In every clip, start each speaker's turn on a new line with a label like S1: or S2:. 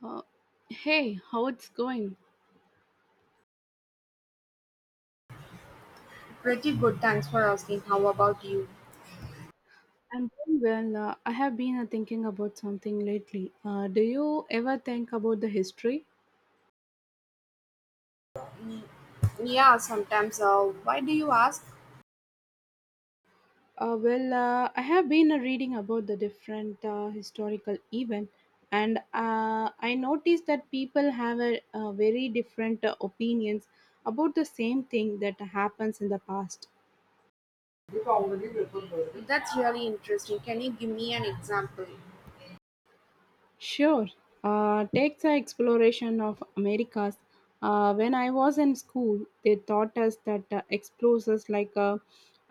S1: Uh, Hey, how it's going?
S2: Pretty good, thanks for asking. How about you?
S1: I'm doing well. I have been thinking about something lately. Do you ever think about the history?
S2: Yeah, sometimes. Why do you ask?
S1: I have been reading about the different historical event, and I noticed that people have very different opinions about the same thing that happens in the past.
S2: That's really interesting. Can you give me an example?
S1: Sure. Take the exploration of Americas. When I was in school, they taught us that explorers like uh,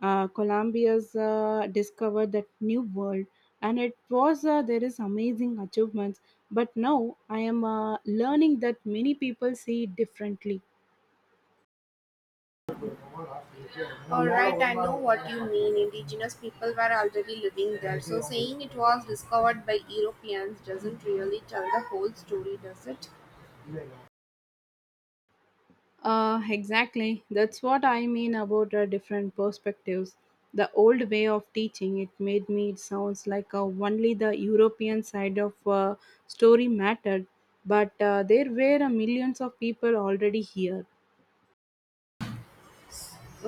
S1: uh, Columbia's discovered that new world, and it was there is amazing achievements. But now I am learning that many people see it differently.
S2: All right, I know what you mean. Indigenous people were already living there, so saying it was discovered by Europeans doesn't really tell the whole story, does it?
S1: Exactly. That's what I mean about the different perspectives. The old way of teaching it made me it sounds like only the European side of story mattered, but there were millions of people already here.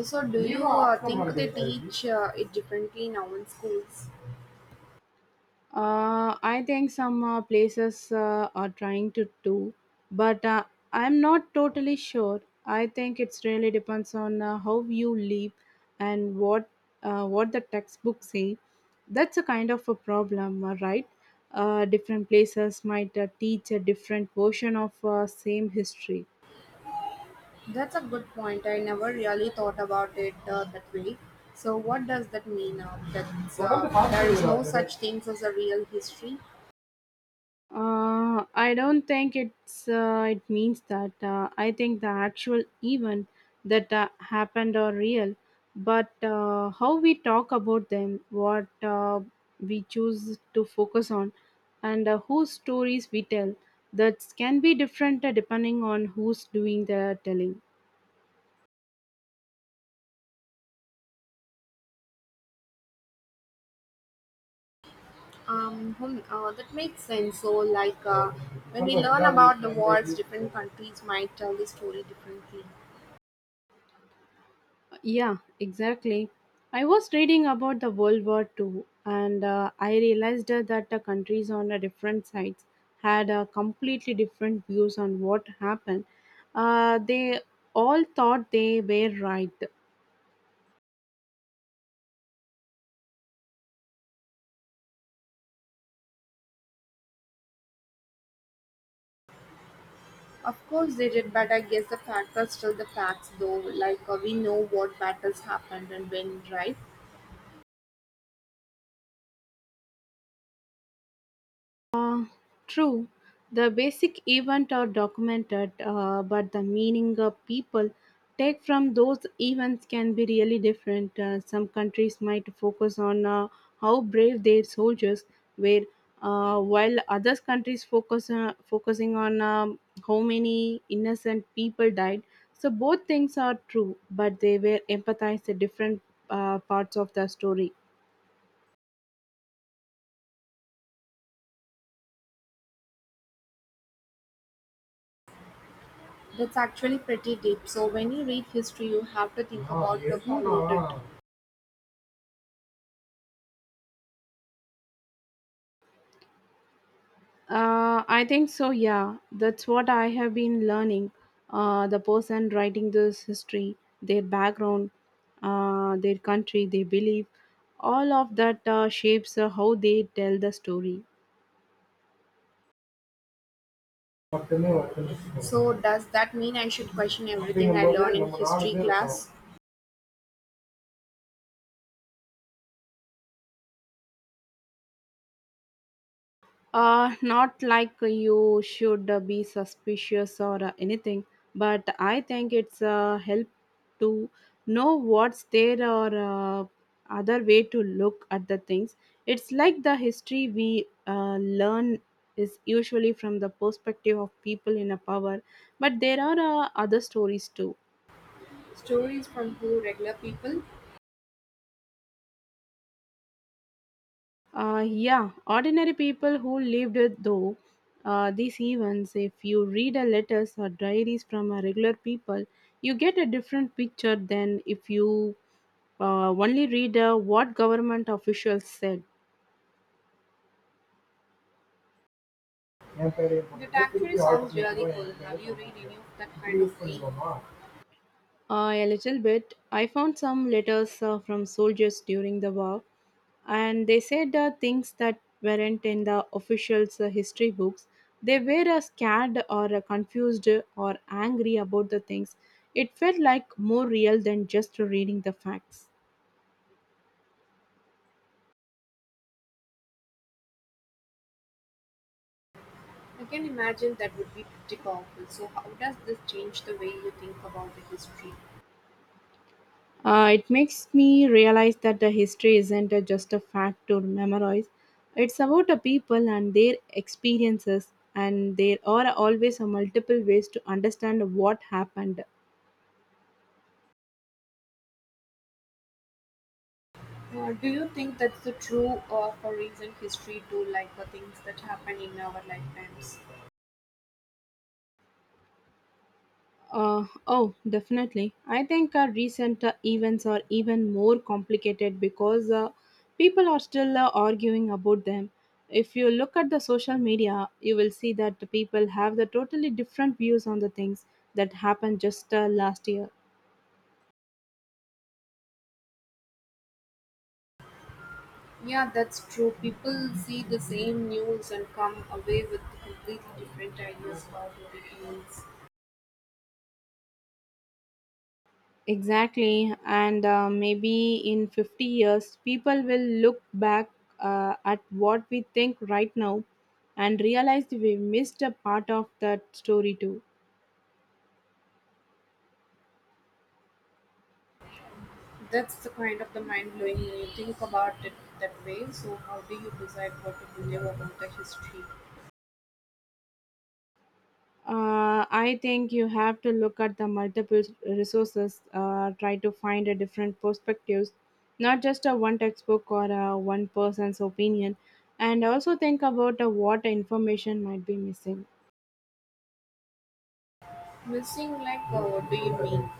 S2: So, do you think they teach it differently now in schools?
S1: I think some places are trying to do, but I'm not totally sure. I think it's really depends on how you live and what the textbooks say. That's a kind of a problem, right? Different places might teach a different version of same history.
S2: That's a good point. I never really thought about it that way. So, what does that mean? That there is no such things as a real history.
S1: I don't think it's it means that. I think the actual event that happened are real, but how we talk about them, what we choose to focus on, and whose stories we tell, that can be different depending on who's doing the telling.
S2: That makes sense. So, like when we learn about the wars, different countries might tell the story differently.
S1: Yeah, exactly. I was reading about the World War Two, and I realized that the countries on the different sides had completely different views on what happened. They all thought they were right.
S2: Of course, they did, but I guess the facts are still the facts, though. Like we know what battles happened and when, right?
S1: True, the basic event are documented, but the meaning of people take from those events can be really different. Some countries might focus on how brave their soldiers were, while other countries focusing on how many innocent people died. So both things are true, but they were empathized at different parts of the story.
S2: That's actually pretty deep. So, when you read history, you have to think about the who wrote it.
S1: I think so, yeah. That's what I have been learning. The person writing this history, their background, their country, their belief, all of that shapes how they tell the story.
S2: So does that mean I should question everything I learn in history class?
S1: Not like you should be suspicious or anything, but I think it's help to know what's there or other way to look at the things. It's like the history we learn is usually from the perspective of people in a power, but there are other stories too.
S2: Stories from who? Regular people?
S1: Yeah, ordinary people who lived it though these events, if you read a letters or diaries from a regular people, you get a different picture than if you only read what government officials said.
S2: That actually sounds really cool. Have you read any of that kind of thing?
S1: A little bit. I found some letters from soldiers during the war, and they said things that weren't in the officials' history books. They were scared or confused or angry about the things. It felt like more real than just reading the facts.
S2: I can imagine that would be pretty powerful. So, how does this change the way you think about the history?
S1: It makes me realize that the history isn't just a fact to memorize. It's about the people and their experiences, and there are always a multiple ways to understand what happened.
S2: Do you think that's the true for recent history too, like the things that happen in our lifetimes?
S1: Oh, definitely. I think our recent events are even more complicated because people are still arguing about them. If you look at the social media, you will see that the people have the totally different views on the things that happened just last year.
S2: Yeah, that's true. People see the same news and come away with completely different ideas about opinions.
S1: Exactly, and maybe in 50 years, people will look back at what we think right now and realize we missed a part of that story too.
S2: That's the kind of the mind blowing when you think about it that way. So, how do you decide what to believe about the history?
S1: I think you have to look at the multiple resources, try to find a different perspectives, not just a one textbook or a one person's opinion, and also think about what information might be missing.
S2: Missing, like, what do you mean?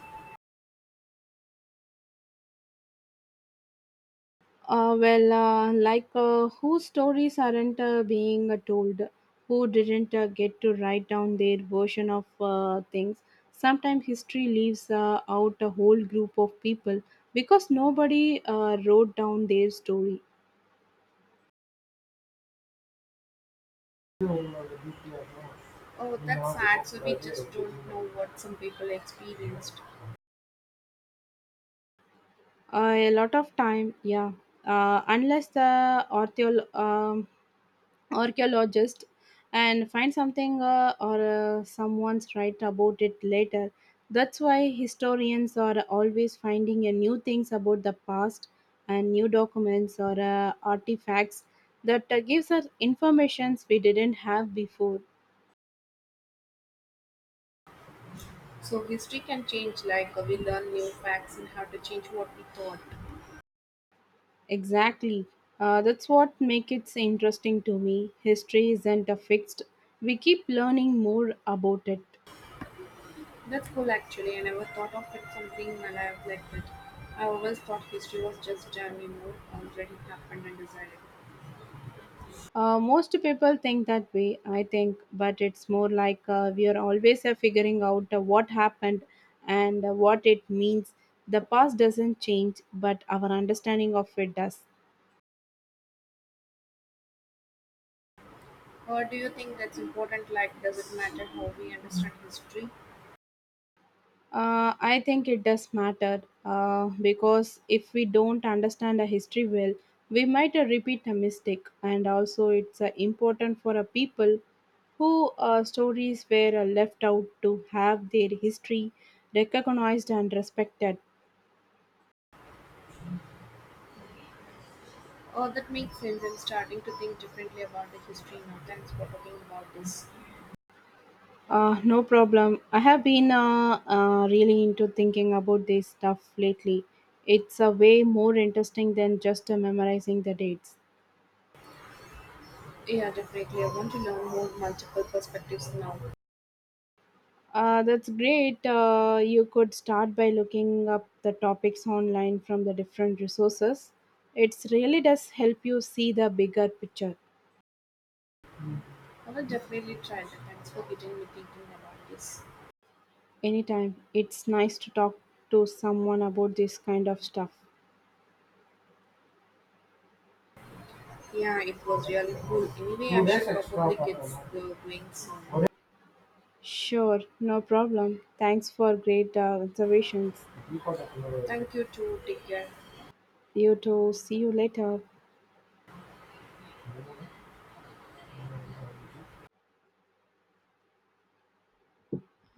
S1: Whose stories aren't being told, who didn't get to write down their version of things. Sometimes history leaves out a whole group of people because nobody wrote down their story.
S2: Oh, that's sad. So, we just don't know what some people experienced.
S1: A lot of time, yeah. Unless the author, archaeologist and find something or someone's right about it later. That's why historians are always finding a new things about the past and new documents or artifacts that gives us informations we didn't have before.
S2: So, history can change, like, we learn new facts and how to change what we thought.
S1: Exactly. That's what makes it interesting to me. History isn't fixed. We keep learning more about it.
S2: That's cool actually, I never thought of it something alive like that. I always thought history was just jam, you know, already happened and decided.
S1: Most people think that way, I think, but it's more like we are always figuring out what happened and what it means. The past doesn't change, but our understanding of it does.
S2: Or do you think that's important? Like, does it matter how we understand history?
S1: I think it does matter because if we don't understand the history well, we might repeat a mistake, and also it's important for a people who stories were left out to have their history recognized and respected.
S2: Oh, that makes sense. I'm starting to think differently about the history now. Thanks for talking about this.
S1: No problem. I have been really into thinking about this stuff lately. It's a way more interesting than just memorizing the dates.
S2: Yeah, definitely. I want to learn more multiple perspectives now.
S1: That's great. You could start by looking up the topics online from the different resources. It really does help you see the bigger picture.
S2: I will definitely try that. Thanks for getting me thinking about this.
S1: Anytime. It's nice to talk to someone about this kind of stuff.
S2: Yeah, it was really cool. Anyway, I should probably get going soon.
S1: Sure, no problem. Thanks for great observations.
S2: Thank you too. Take care.
S1: You too. See you later.